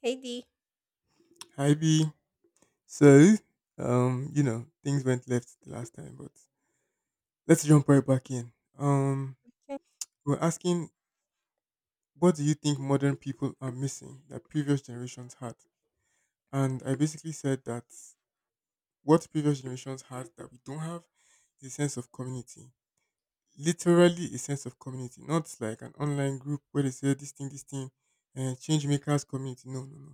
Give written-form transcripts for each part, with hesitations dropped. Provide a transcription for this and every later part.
Hey D. Hi B. So, things went left the last time, but let's jump right back in. Um, we're asking, what do you think modern people are missing that previous generations had? And I basically said that what previous generations had that we don't have is a sense of community. Literally a sense of community, not like an online group where they say this thing, and change makers community. No, no, no.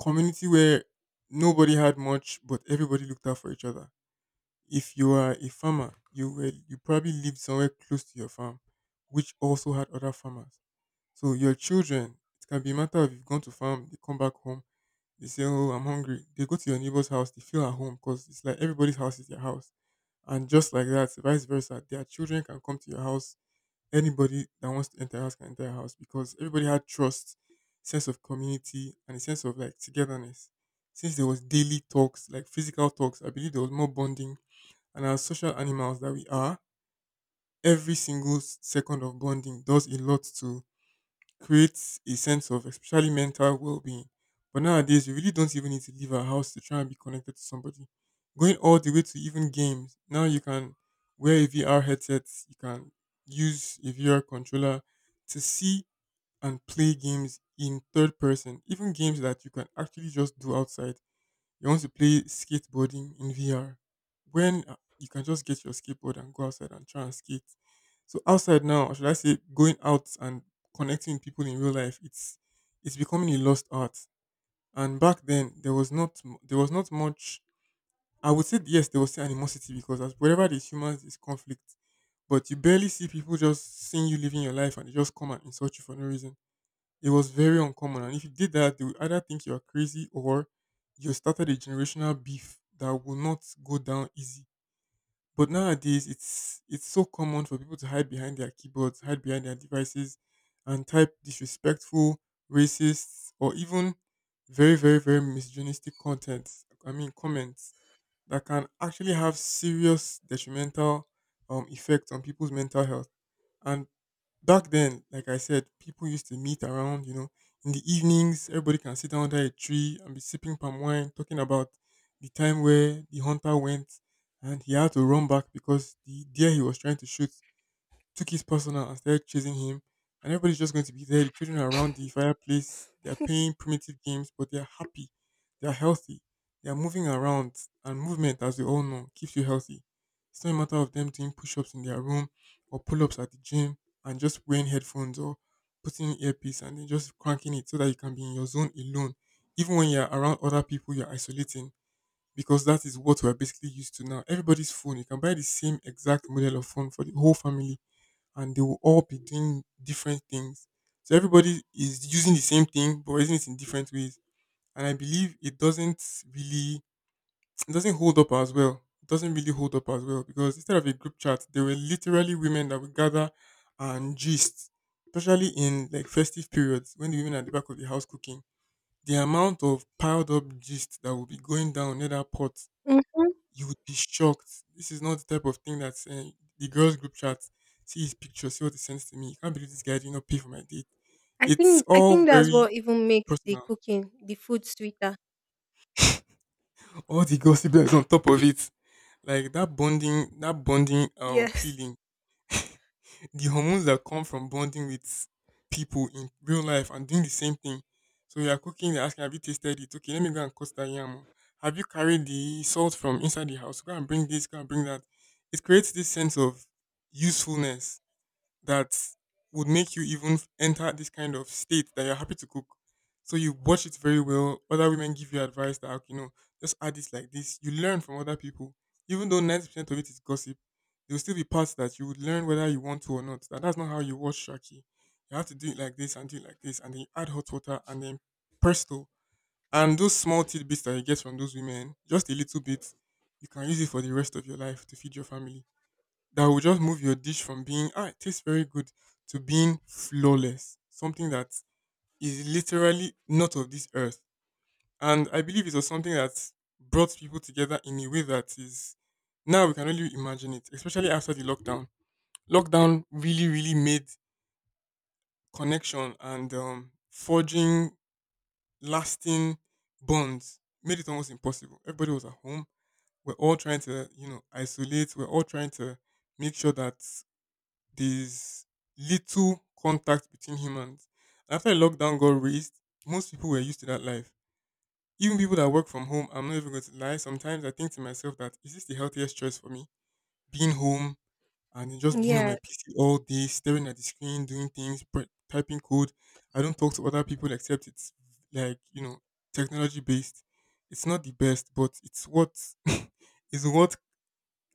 Community where nobody had much, but everybody looked out for each other. If you are a farmer, you probably lived somewhere close to your farm, which also had other farmers. So your children, it can be a matter of you've gone to farm, they come back home, they say, "Oh, I'm hungry." They go to your neighbor's house, they feel at home because it's like everybody's house is their house, and just like that, vice versa, their children can come to your house. Anybody that wants to enter your house can enter your house because everybody had trust, sense of community, and a sense of like togetherness. Since there was daily talks, like physical talks, I believe there was more bonding, and as social animals that we are, every second of bonding does a lot to create a sense of especially mental well being. But nowadays, we really don't even need to leave our house to try and be connected to somebody. Going all the way to even games, now you can wear a VR headset, you can use a VR controller to see and play games in third person, even games that you can actually just do outside. You want to play skateboarding in VR when you can just get your skateboard and go outside and try and skate. So outside now, or should I say going out and connecting with people in real life, it's becoming a lost art. And back then there was not much. I would say yes, there was still animosity because as wherever there's humans there's conflict. But you barely see people just seeing you living your life and they just come and insult you for no reason. It was very uncommon. And if you did that, they would either think you are crazy or you started a generational beef that will not go down easy. But nowadays, it's so common for people to hide behind their keyboards, hide behind their devices, and type disrespectful, racist, or even very, very, very misogynistic content. I mean, comments that can actually have serious detrimental effects on people's mental health. And back then, like I said, people used to meet around, you know, in the evenings, everybody can sit down under a tree and be sipping palm wine, talking about the time where the hunter went and he had to run back because the deer he was trying to shoot took his personal and started chasing him. And everybody's just going to be there. The children are around the fireplace. They're playing primitive games, but they're happy. They're healthy. They're moving around. And movement, as we all know, keeps you healthy. It's not a matter of them doing push ups in their room or pull ups at the gym and just wearing headphones or putting in earpiece and then just cranking it so that you can be in your zone alone. Even when you're around other people, you're isolating because that is what we're basically used to now. Everybody's phone, you can buy the same exact model of phone for the whole family and they will all be doing different things. So everybody is using the same thing but using it in different ways. And I believe it doesn't really it doesn't hold up as well. It doesn't really hold up as well because instead of a group chat, there were literally women that would gather and gist, especially in like festive periods when the women are at the back of the house cooking. The amount of piled up gist that will be going down near that pot, Hmm. you would be shocked. This is not the type of thing that the girls' group chat. See his picture, see what he sends to me. You can't believe this guy did not pay for my date. I It's think I all think that's very what even makes the personal. cooking, the food sweeter. All the gossip that's on top of it, like that bonding, that bonding Yes. feeling, the hormones that come from bonding with people in real life and doing the same thing. So you are cooking, they're asking, have you tasted it? Okay, let me go and cost that yam. Oh. Have you carried the salt from inside the house? Go and bring this, go and bring that. It creates this sense of usefulness that would make you enter this kind of state that you're happy to cook. So you watch it very well. Other women give you advice that "Okay, you know, just add this like this." You learn from other people, even though 90% of it is gossip. There will still be parts that you would learn whether you want to or not. That's not how you watch Shaki. You have to do it like this and do it like this, and then you add hot water and then presto. And those small tidbits that you get from those women, just a little bit, you can use it for the rest of your life to feed your family that will just move your dish from being ah it tastes very good to being flawless, something that is literally not of this earth. And I believe it was something that brought people together in a way that is now we can only imagine it, especially after the lockdown. Lockdown really, really made connection and forging lasting bonds made it almost impossible. Everybody was at home. We're all trying to, you know, isolate. We're all trying to make sure that there's little contact between humans. After lockdown got raised, most people were used to that life. Even people that work from home, I'm not even going to lie. Sometimes I think to myself that is this the healthiest choice for me? Being home and then just being on Yeah. my PC all day, staring at the screen, doing things, typing code. I don't talk to other people except it's like you know technology based. It's not the best, but it's what is what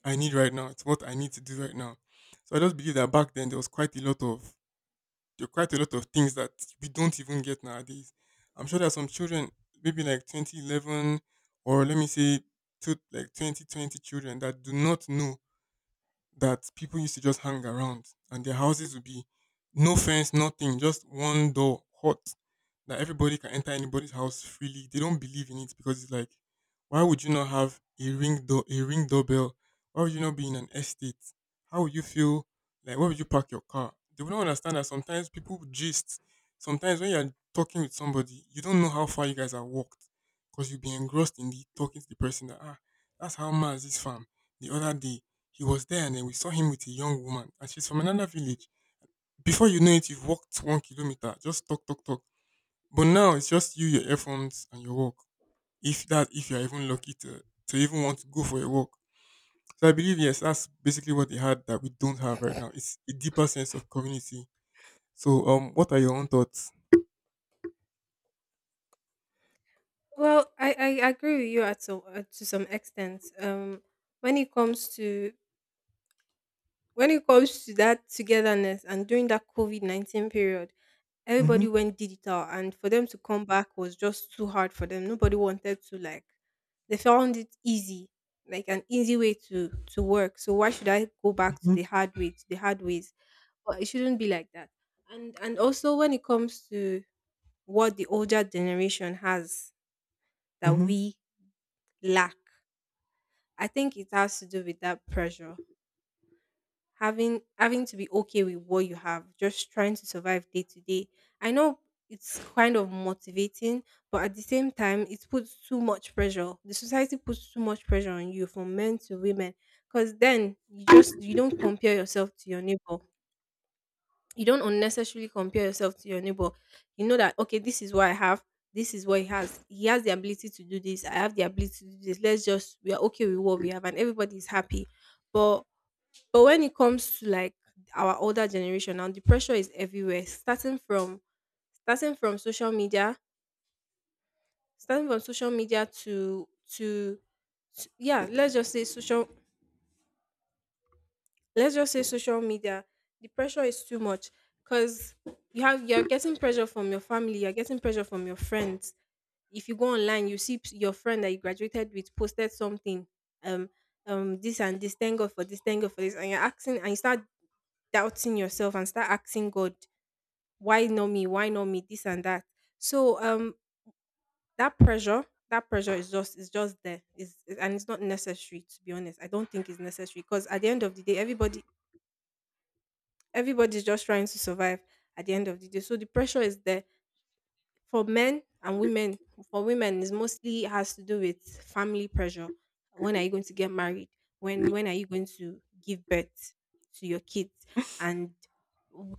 I need right now. It's what I need to do right now. So I just believe that back then there are quite a lot of things that we don't even get nowadays. I'm sure there are some children, maybe like 2011 or let me say to like 2020 children that do not know that people used to just hang around and their houses would be no fence, nothing, just one door, hot, that everybody can enter anybody's house freely. They don't believe in it because it's like, why would you not have a ring doorbell? Why would you not be in an estate? How would you feel? Like, where would you park your car? They would not understand that sometimes people gist. Sometimes when you're talking with somebody, you don't know how far you guys have walked because you'll be engrossed in the talking to the person that, ah, that's how mad this farm the other day he was there and then we saw him with a young woman and she's from another village. Before you know it, you've walked 1 kilometer, just talk, talk, talk. But now it's just you, your earphones, and your walk. If you're even lucky to even want to go for a walk. So I believe yes, that's basically what they had that we don't have right now. It's a deeper sense of community. So what are your own thoughts? Well, I agree with you at some to some extent. When it comes to when it comes to that togetherness and during that COVID-19 period, Mhm, everybody went digital, and for them to come back was just too hard for them. Nobody wanted to like. They found it easy, like an easy way to work. So why should I go back to mhm, the hard way, to the hard ways? But it shouldn't be like that. And also when it comes to what the older generation has that mhm. we lack, I think it has to do with that pressure. Having to be okay with what you have, just trying to survive day to day. I know it's kind of motivating, but at the same time, it puts too much pressure. The society puts too much pressure on you, from men to women. Because then you don't compare yourself to your neighbor, you don't unnecessarily compare yourself to your neighbor. You know that, okay, this is what I have, this is what he has. He has the ability to do this. I have the ability to do this. Let's just We are okay with what we have, and everybody is happy. But but when it comes to, like, our older generation now, the pressure is everywhere. Starting from social media, starting from social media to to yeah, let's just say social media, the pressure is too much because you're getting pressure from your family, you're getting pressure from your friends. If you go online, you see your friend that you graduated with posted something, um this and this, thank God for this, thank God for this, and you're asking, and you start doubting yourself and start asking God, why not me, why not me, this and that. So that pressure that pressure is just there, is, and it's not necessary, to be honest. I don't think it's necessary, because at the end of the day, everybody's just trying to survive at the end of the day. So the pressure is there, for men and women. For women, is mostly has to do with family pressure. When are you going to get married? When are you going to give birth to your kids? And w-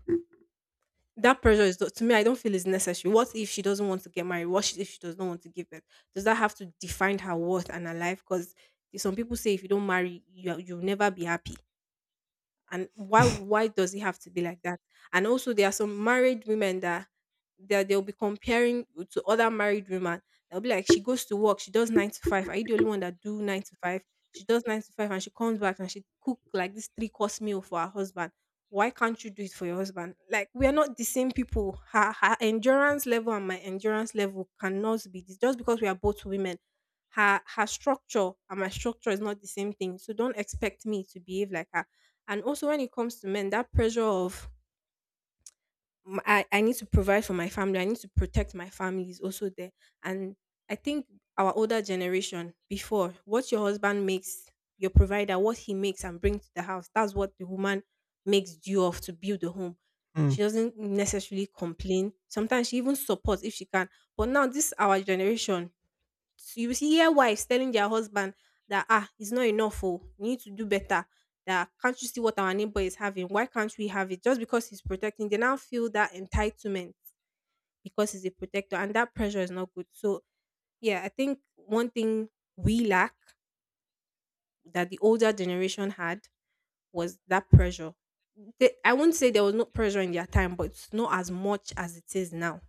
that pressure, is to me, I don't feel is necessary. What if she doesn't want to get married? What if she does not want to give birth? Does that have to define her worth and her life? Because some people say if you don't marry, you'll never be happy. And why does it have to be like that? And also, there are some married women that they'll be comparing to other married women. They'll be like, she goes to work, she does nine to five. Are you the only one that do nine to five? She does nine to five and she comes back and she cook, like, this three course meal for her husband. Why can't you do it for your husband? Like, we are not the same people. Her endurance level and my endurance level cannot be this just because we are both women. Her structure and my structure is not the same thing, so don't expect me to behave like her. And also, when it comes to men, that pressure of, "I need to provide for my family, I need to protect my family," is also there. And I think our older generation before, what your husband makes, your provider, what he makes and brings to the house, that's what the woman makes due of to build the home. Mm. She doesn't necessarily complain. Sometimes she even supports if she can. But now, this our generation, so you see, hear wives telling their husband that, it's not enough. Oh, you need to do better. That, can't you see what our neighbor is having? Why can't we have it? Just because he's protecting, they now feel that entitlement because he's a protector, and that pressure is not good. So yeah, I think one thing we lack that the older generation had was that pressure. They, I won't say there was no pressure in their time, but it's not as much as it is now.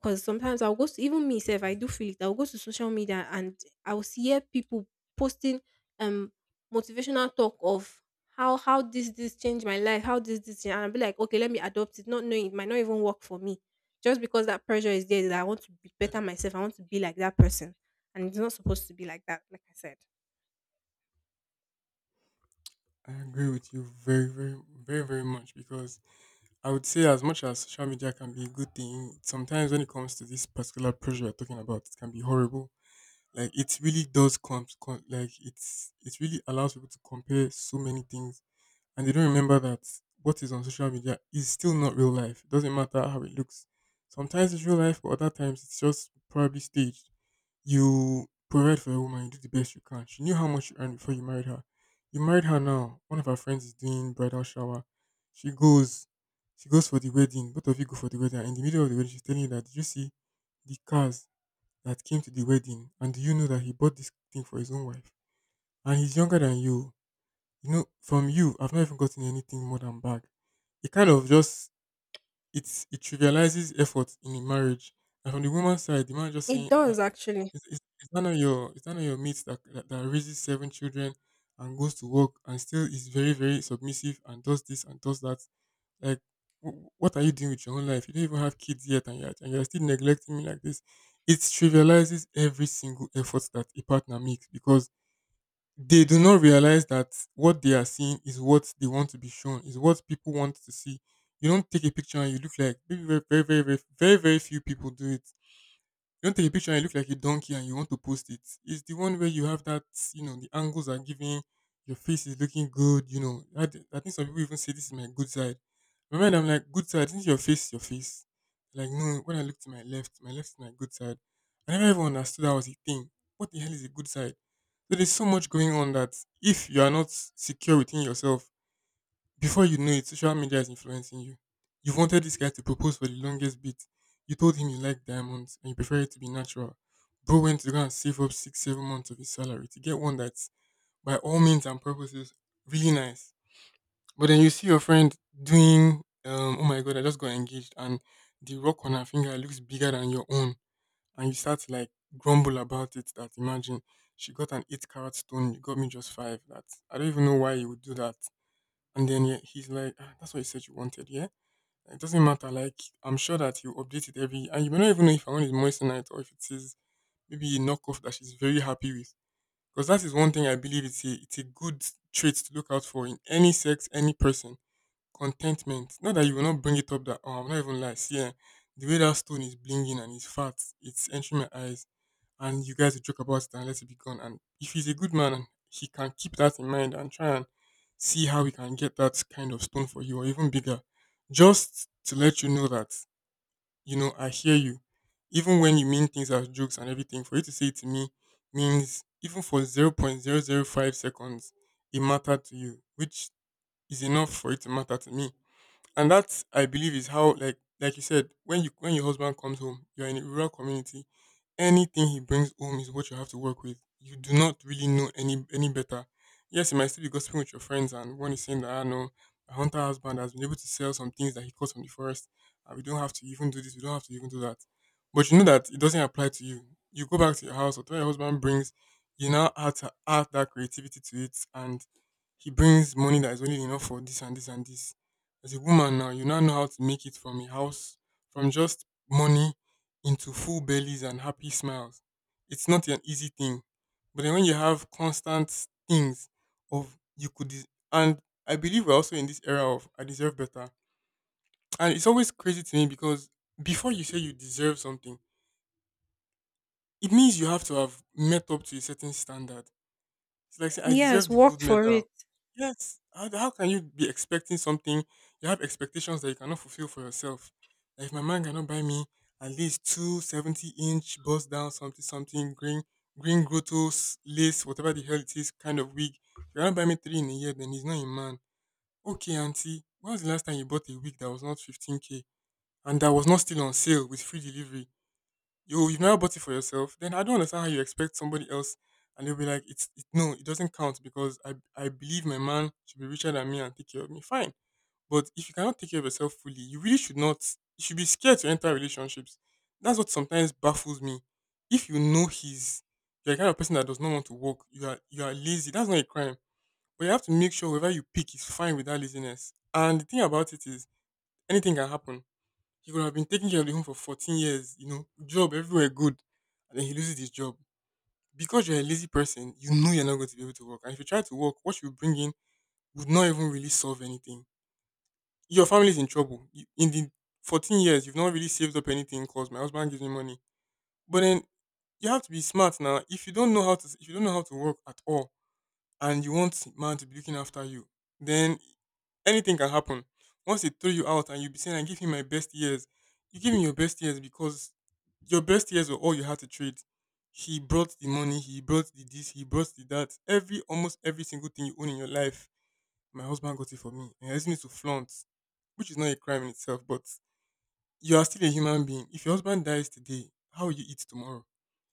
Because sometimes I'll go to even me self, I do feel it. I'll go to social media and I'll see, hear people posting um motivational talk of how this changed my life, how this this and I'll be like, okay, let me adopt it, not knowing it might not even work for me. Just because that pressure is there that I want to be Yeah, better myself, I want to be like that person. And it's not supposed to be like that, like I said. I agree with you very, very, very, very much because I would say as much as social media can be a good thing, sometimes when it comes to this particular pressure we're talking about, it can be horrible. Like it really does like it really allows people to compare so many things and they don't remember that what is on social media is still not real life. It doesn't matter how it looks. Sometimes it's real life, but other times it's just probably staged. You provide for a woman, you do the best you can. She knew how much you earned before you married her. You married her now. One of her friends is doing bridal shower. She goes, she goes for the wedding. Both of you go for the wedding. In the middle of the wedding, she's telling you that did you see the cars that came to the wedding? And do you know that he bought this thing for his own wife? And he's younger than you, you know, from you, I've not even gotten anything more than back. It kind of just it trivializes effort in a marriage. And from the woman's side, the man just saying, It ah, does actually. is that not your mate that, that raises seven children and goes to work and still is very very submissive and does this and does that? Like, wh- what are you doing with your own life? You don't even have kids yet, and you're still neglecting me like this. It trivializes every single effort that a partner makes because they do not realize that what they are seeing is what they want to be shown, is what people want to see. You don't take a picture and you look like maybe very, very, very, very, very, very few people do it. You want to take a picture and you look like a donkey and you want to post it. It's the one where you have that, you know, the angles are giving, your face is looking good, you know. I, d- I think some people even say this is my good side. My mind, I'm like, good side, isn't your face your face? Like, no, when I look to my left is my good side. I never even understood that was a thing. What the hell is a good side? So there's so much going on that if you are not secure within yourself, before you know it, social media is influencing you. You've wanted this guy to propose for the longest bit. You told him you like diamonds and you prefer it to be natural. Bro went to go and save up six, 7 months of his salary to get one that's by all means and purposes really nice. But then you see your friend doing oh my god, I just got engaged, and the rock on her finger looks bigger than your own, and you start to like grumble about it that imagine she got an eight carat stone, you got me just five. That, I don't even know why you would do that. And then yeah, he's like, "Ah, that's what you said you wanted, yeah? Like, it doesn't matter." Like, I'm sure that you update it every, and you may not even know if her one is moissanite or if it is maybe a knockoff that she's very happy with. Because that is one thing, I believe it's a good trait to look out for in any sex, any person. Contentment. Not that you will not bring it up that, oh, I'm not even like, see, eh, the way that stone is blinging and it's fat, it's entering my eyes, and you guys will joke about it and let it be gone. And if he's a good man and he can keep that in mind and try and see how he can get that kind of stone for you or even bigger, just to let you know that, you know, I hear you. Even when you mean things as jokes and everything, for you to say it to me means even for 0.00 0.005 seconds, it mattered to you, which is enough for it to matter to me. And that I believe is how, like you said, when you when your husband comes home, you're in a rural community, anything he brings home is what you have to work with. You do not really know any better. Yes, you might still be gossiping with your friends, and one is saying that I know my hunter husband has been able to sell some things that he caught from the forest, and we don't have to even do this, we don't have to even do that. But you know that it doesn't apply to you. You go back to your house, or whatever your husband brings, you now add to add that creativity to it, and he brings money that is only enough for this and this and this. As a woman now, you now know how to make it from a house, from just money, into full bellies and happy smiles. It's not an easy thing. But then when you have constant things of you could des- and I believe we're also in this era of I deserve better. And it's always crazy to me because before you say you deserve something, it means you have to have met up to a certain standard. It's like say, I Yes, deserve the work gold for medal. it. Yes. How can you be expecting something? You have expectations that you cannot fulfill for yourself. Like if my man cannot buy me at least 270 inch bust down something something green green grottos lace whatever the hell it is kind of wig. If you cannot buy me three in a year, then he's not a man. Okay, auntie. When was the last time you bought a wig that was not 15k and that was not still on sale with free delivery? You've never bought it for yourself, then I don't understand how you expect somebody else, and they'll be like, no, it doesn't count because I believe my man should be richer than me and take care of me. Fine, but if you cannot take care of yourself fully, you really should not. You should be scared to enter relationships. That's what sometimes baffles me. If you know he's you're the kind of person that does not want to work, you are lazy. That's not a crime, but you have to make sure whoever you pick is fine with that laziness. And the thing about it is, anything can happen. He could have been taking care of the home for 14 years, you know, job everywhere good. And then he loses his job. Because you're a lazy person, you know you're not going to be able to work. And if you try to work, what you bring in would not even really solve anything. Your family's in trouble. You- In the 14 years, you've not really saved up anything because my husband gives me money. But then you have to be smart now. If you don't know how to work at all and you want man to be looking after you, then anything can happen. Once they throw you out and you be saying, I give him my best years, you give him your best years because your best years were all you had to trade. He brought the money, he brought the this, he brought the that. Every almost every single thing you own in your life, my husband got it for me. And I just need to flaunt, which is not a crime in itself, but you are still a human being. If your husband dies today, how will you eat tomorrow?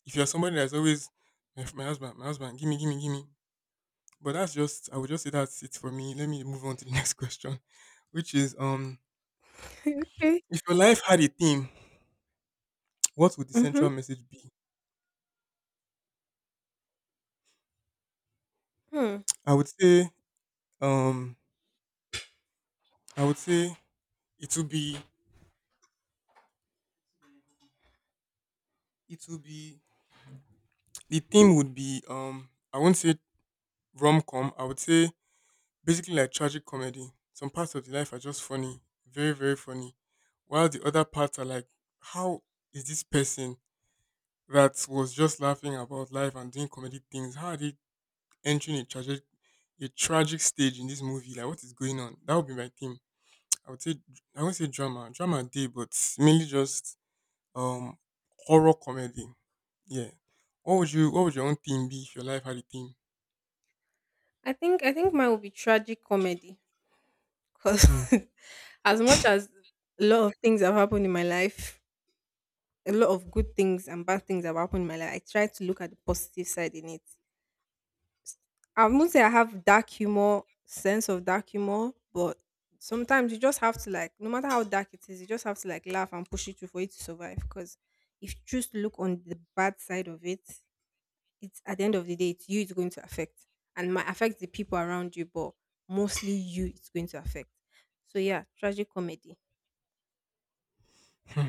If you are somebody that's always my husband, my husband, give me, give me, give me. But that's just I would just say that's it for me. Let me move on to the next question, which is Okay. if your life had a theme, what would the Mm-hmm. central message be? Hmm. I would say, um, I would say it would be, it would be, the theme would be, I won't say rom com. I would say basically like tragic comedy. Some parts of the life are just funny, very very funny, while the other parts are like, how is this person that was just laughing about life and doing comedy things? How are they entering a tragic stage in this movie? Like, what is going on? That would be my theme. I would say I won't say drama. Drama day, but mainly just um horror comedy. Yeah. What would your own theme be if your life had a theme? I think mine will be tragic comedy because Hmm. as much as a lot of things have happened in my life, a lot of good things and bad things have happened in my life. I try to look at the positive side in it. I won't say I have dark humor, sense of dark humor, but sometimes you just have to, like, no matter how dark it is, you just have to, like, laugh and push it through for it to survive. Because if you choose to look on the bad side of it, it's, at the end of the day, it's going to affect, and might affect the people around you, but mostly you it's going to affect. So yeah, tragic comedy. Hmm,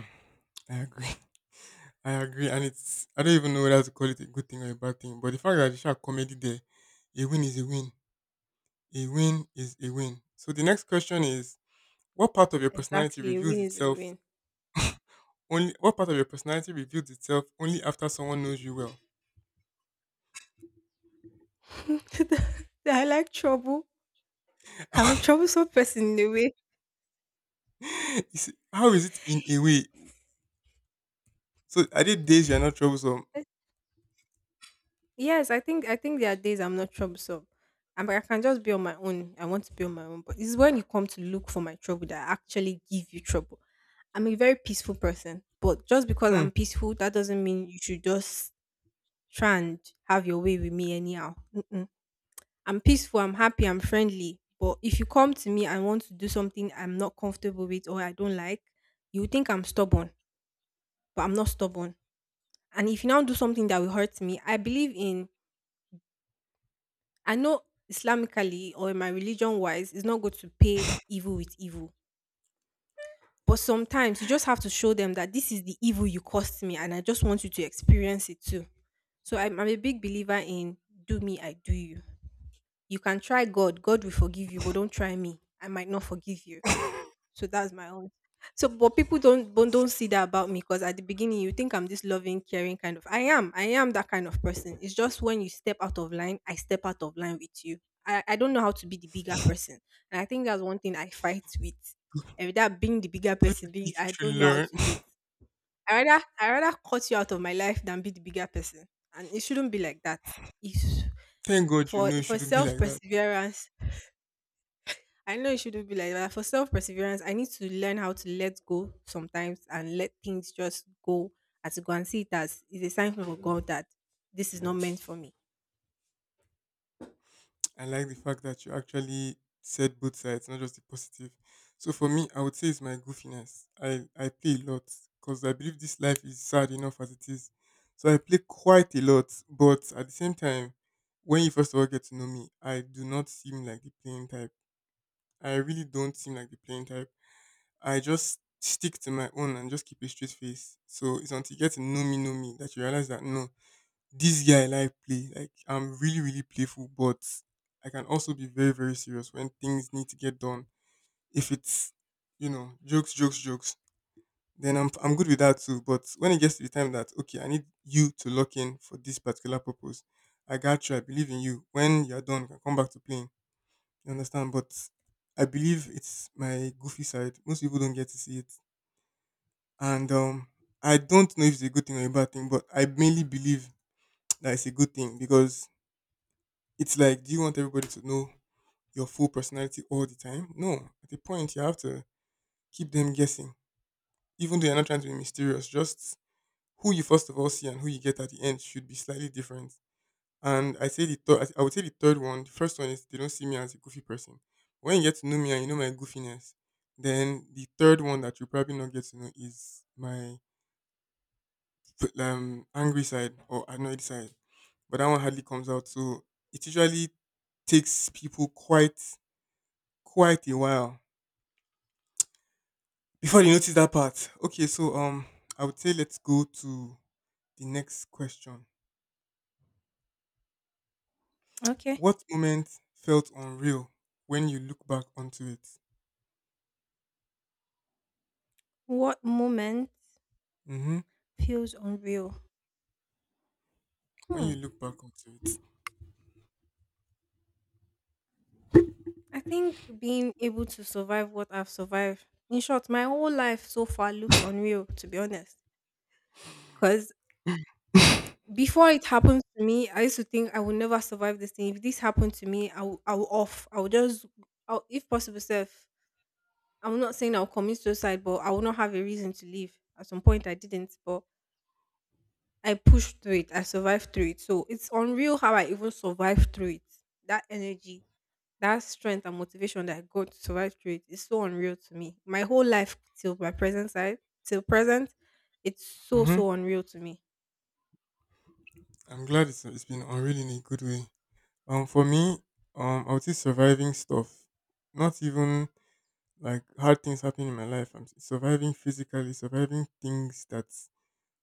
I agree. I agree, and it's I don't even know whether to call it a good thing or a bad thing. But the fact that there's a comedy there, a win is a win. A win is a win. So the next question is: what part of your personality Exactly, a reveals win is a itself win. only? What part of your personality reveals itself only after someone knows you well? I like trouble. I'm a troublesome person in a way. You see, how is it in a way? So are there days you're not troublesome? Yes, I think there are days I'm not troublesome. I can just be on my own. I want to be on my own. But it's when you come to look for my trouble that I actually give you trouble. I'm a very peaceful person, but just because Hmm. I'm peaceful, that doesn't mean you should just try and have your way with me anyhow. Mm-mm. I'm peaceful. I'm happy. I'm friendly. But if you come to me and want to do something I'm not comfortable with or I don't like, you think I'm stubborn, but I'm not stubborn. And if you now do something that will hurt me, I know, Islamically or in my religion wise, it's not good to pay evil with evil. But sometimes you just have to show them that this is the evil you caused me and I just want you to experience it too. So I'm a big believer in, do me, I do you. You can try God, God will forgive you, but don't try me. I might not forgive you. So that's my own. So, but people don't see that about me because at the beginning you think I'm this loving, caring kind of. I am that kind of person. It's just when you step out of line, I step out of line with you. I don't know how to be the bigger person, and I think that's one thing I fight with. And without being the bigger Don't you person, being think you I should don't know how learn? to do it. I rather cut you out of my life than be the bigger person, and it shouldn't be like that. It's Thank God you for know you for shouldn't be self like that. perseverance, I know it shouldn't be like that. For self perseverance, I need to learn how to let go sometimes and let things just go, as you go and see it as is a sign from God that this is not meant for me. I like the fact that you actually said both sides, not just the positive. So for me, I would say it's my goofiness. I play a lot because I believe this life is sad enough as it is. So I play quite a lot, but at the same time, when you first of all get to know me, I do not seem like the playing type. I really don't seem like the playing type. I just stick to my own and just keep a straight face. So it's until you get to know me that you realize that no, this guy like play. Like I'm really, really playful, but I can also be very, very serious when things need to get done. If it's jokes, jokes, jokes, then I'm good with that too. But when it gets to the time that okay, I need you to lock in for this particular purpose, I got you. I believe in you. When you're done, you can come back to playing. You understand? But I believe it's my goofy side. Most people don't get to see it and I don't know if it's a good thing or a bad thing, but I mainly believe that it's a good thing because it's like, do you want everybody to know your full personality all the time? No, at a point you have to keep them guessing, even though you're not trying to be mysterious. Just who you first of all see and who you get at the end should be slightly different. And I say the third, I would say the third one. The first one is they don't see me as a goofy person. When you get to know me and you know my goofiness, then the third one that you probably not get to know is my angry side or annoyed side, but that one hardly comes out. So it usually takes people quite a while before they notice that part. Okay, so I would say let's go to the next question. Okay. What moment felt unreal when you look back onto it? What moment Mm-hmm. feels unreal? When Hmm. you look back onto it. I think being able to survive what I've survived. In short, my whole life so far looks unreal, to be honest. Because before it happened to me, I used to think I would never survive this thing. If this happened to me, I will off. I will just, I'll, if possible, self. I am not saying I'll commit suicide, but I will not have a reason to leave. At some point, I didn't, but I pushed through it. I survived through it. So it's unreal how I even survived through it. That energy, that strength and motivation that I got to survive through it is so unreal to me. My whole life till my present side, till present, it's so Mm-hmm. so unreal to me. I'm glad it's been unreal in a good way. For me, I would say surviving stuff. Not even like hard things happening in my life. I'm surviving physically, surviving things that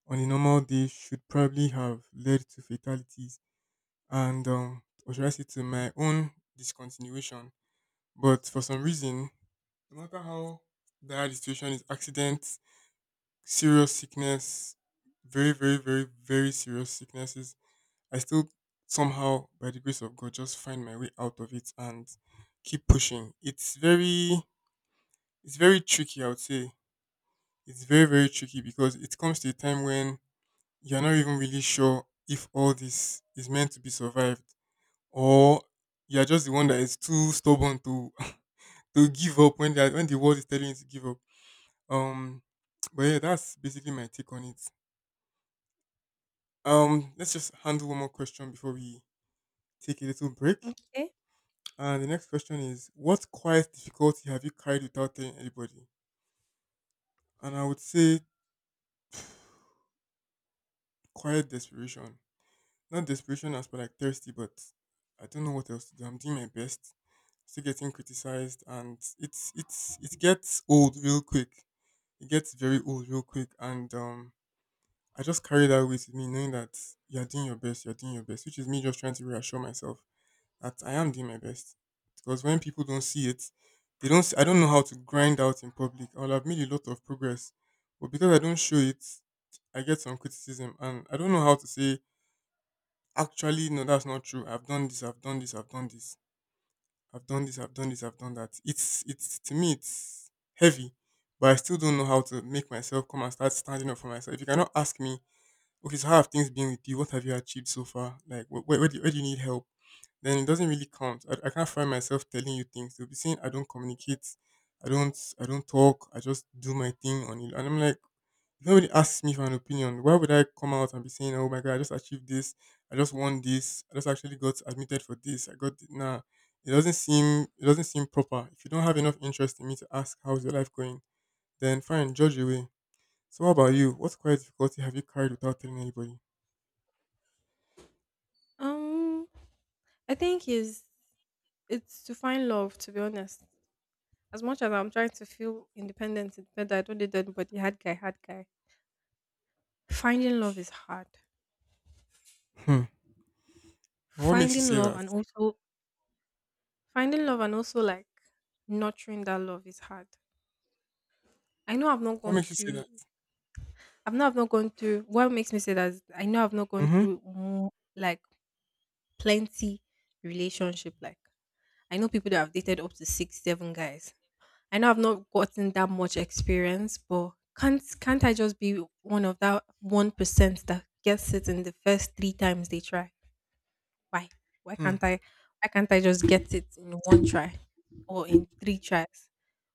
on a normal day should probably have led to fatalities and or should I say to my own discontinuation. But for some reason, no matter how dire the situation is, accidents, serious sickness, very, very, very, very serious sicknesses, I still somehow, by the grace of God, just find my way out of it and keep pushing. It's very tricky, I would say. It's very, very tricky because it comes to a time when you're not even really sure if all this is meant to be survived or you're just the one that is too stubborn to to give up when the world is telling you to give up. Um but yeah, that's basically my take on it. Let's just handle one more question before we take a little break. Okay. And the next question is: what quiet difficulty have you carried without telling anybody? And I would say quiet desperation. Not desperation as per like thirsty, but I don't know what else to do. I'm doing my best. Still getting criticized and it gets old real quick. It gets very old real quick and I just carry that weight with me knowing that you're doing your best, you're doing your best, which is me just trying to reassure myself that I am doing my best. Because when people don't see it, they don't see, I don't know how to grind out in public. I'll have made a lot of progress. But because I don't show it, I get some criticism and I don't know how to say, actually no, that's not true. I've done this, I've done this, I've done this, I've done this, I've done this, I've done that. It's to me, it's heavy, but I still don't know how to make myself come and start standing up for myself. If you cannot ask me, okay, so how have things been with you? What have you achieved so far? Like where do you need help? Then it doesn't really count. I can't find myself telling you things. You'll be saying I don't communicate, I don't talk, I just do my thing on it. And I'm like, if nobody asks me for an opinion, why would I come out and be saying, "Oh my god, I just achieved this, I just won this, I just actually got admitted for this, nah. It doesn't seem proper. If you don't have enough interest in me to ask how's your life going, then fine, judge away. So what about you? What quiet difficulty have you carried without telling anybody? Um, I think is, it's to find love. To be honest, as much as I'm trying to feel independent, independent, I don't need anybody. Had guy, had guy. Finding love is hard. Hmm. And what makes you Finding say love that? and also finding love and also like nurturing that love is hard. I know I've not What gone makes you say that? to I've not gone through, what makes me say that is I know I've not gone Mm-hmm. through more, like plenty relationship, like I know people that have dated up to six, seven guys. I know I've not gotten that much experience, but can't I just be one of that 1% that gets it in the first three times they try? Why? Why Hmm. can't I why can't I just get it in one try or in three tries?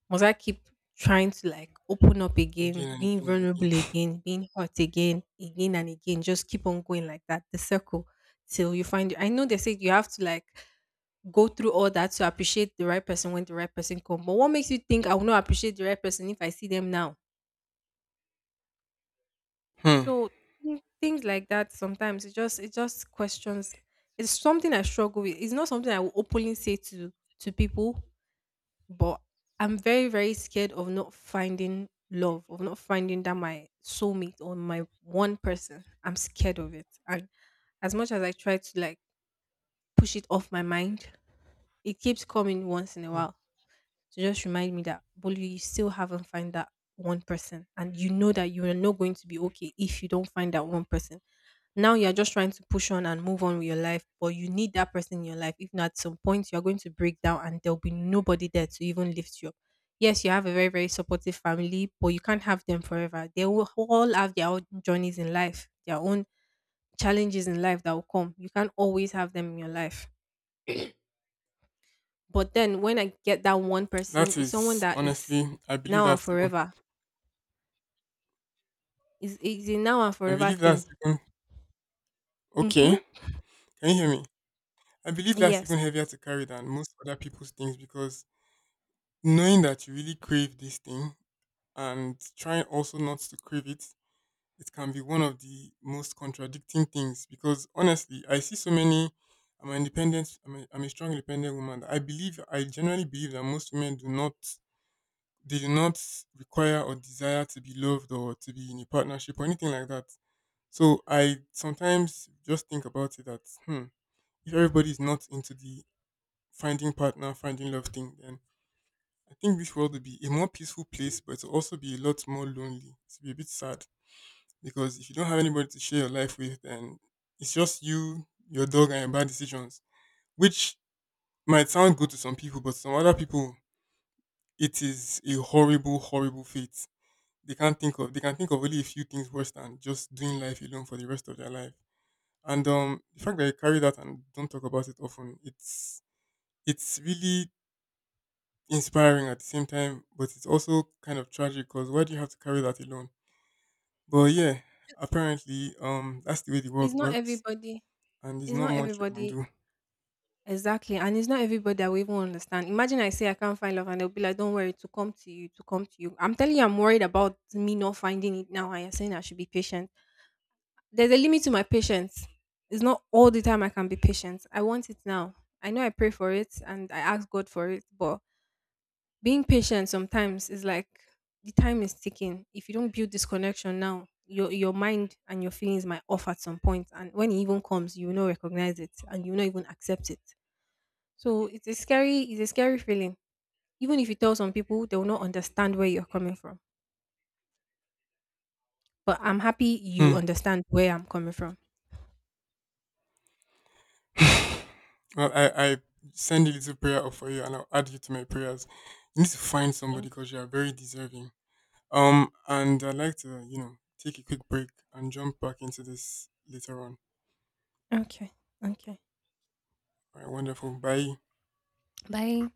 Must I keep trying to like open up Again again, and being again and vulnerable again, being hurt again, again and again, just keep on going like that, the circle till you find. I know they say you have to like go through all that to appreciate the right person when the right person comes. But what makes you think I will not appreciate the right person if I see them now? again. So things like that, sometimes it just questions. It's something I struggle with. It's not something I will openly say to people, but I'm very very scared of not finding love, of not finding that my soulmate or my one person. I'm scared of it, and as much as I try to like push it off my mind, it keeps coming once in a Hmm. Hmm. while to just remind me that Bolu, you still haven't found that one person, and you know that you are not going to be okay if you don't find that one person. Now you are just trying to push on and move on with your life, but you need that person in your life. If not, at some point you are going to break down, and there will be nobody there to even lift you up. Yes, you have a very very supportive family, but you can't have them forever. They will all have their own journeys in life, their own challenges in life that will come. You can't always have them in your life. But then when I get that one That person, it's someone is that is honestly, I believe now and that's even. forever. It's a now and I forever believe that's thing. even Mm-hmm. okay. Can you hear me? I believe that's even Yes. heavier to carry than most other people's things because knowing that you really crave this thing and trying also not to crave it, it can be one of the most contradicting things. Because honestly, I see so many. I'm an independent. I'm a strong independent woman. I generally believe that most women do not They do not require or desire to be loved or to be in a partnership or anything like that. So I sometimes just think about it that hmm, if everybody is not into the finding partner, finding love thing, then I think this world would be a more peaceful place, but it'll also be a lot more lonely. It'll be a bit sad because if you don't have anybody to share your life with, then it's just you, your dog, and your bad decisions, which might sound good to some people, but some other people, it is a horrible, horrible fate. They can't think of they can think of only a few things worse than just doing life alone for the rest of their life. And the fact that you carry that and don't talk about it often, it's really inspiring at the same time, but it's also kind of tragic because why do you have to carry that alone? But yeah, apparently, that's the way the It's world not works, everybody. and there's It's not not much you can everybody. do. Exactly. And it's not everybody that will even understand. Imagine I say I can't find love and they'll be like, don't worry, to come to you, to come to you. I'm telling you, I'm worried about me not finding it now. And you're saying I should be patient. There's a limit to my patience. It's not all the time I can be patient. I want it now. I know I pray for it and I ask God for it, but being patient sometimes is like the time is ticking. If you don't build this connection now, your mind and your feelings might off at some point, and when it even comes, you will not recognize it and you will not even accept it. So it's a scary feeling. Even if you tell some people, they will not understand where you're coming from. But I'm happy you Hmm. understand where I'm coming from. Well, I send a little prayer up for you, and I'll add you to my prayers. You need to find somebody Thank- because you are very deserving. And I'd like to, you know, take a quick break and jump back into this later on. you. Okay, okay. All right, wonderful. Bye. Bye.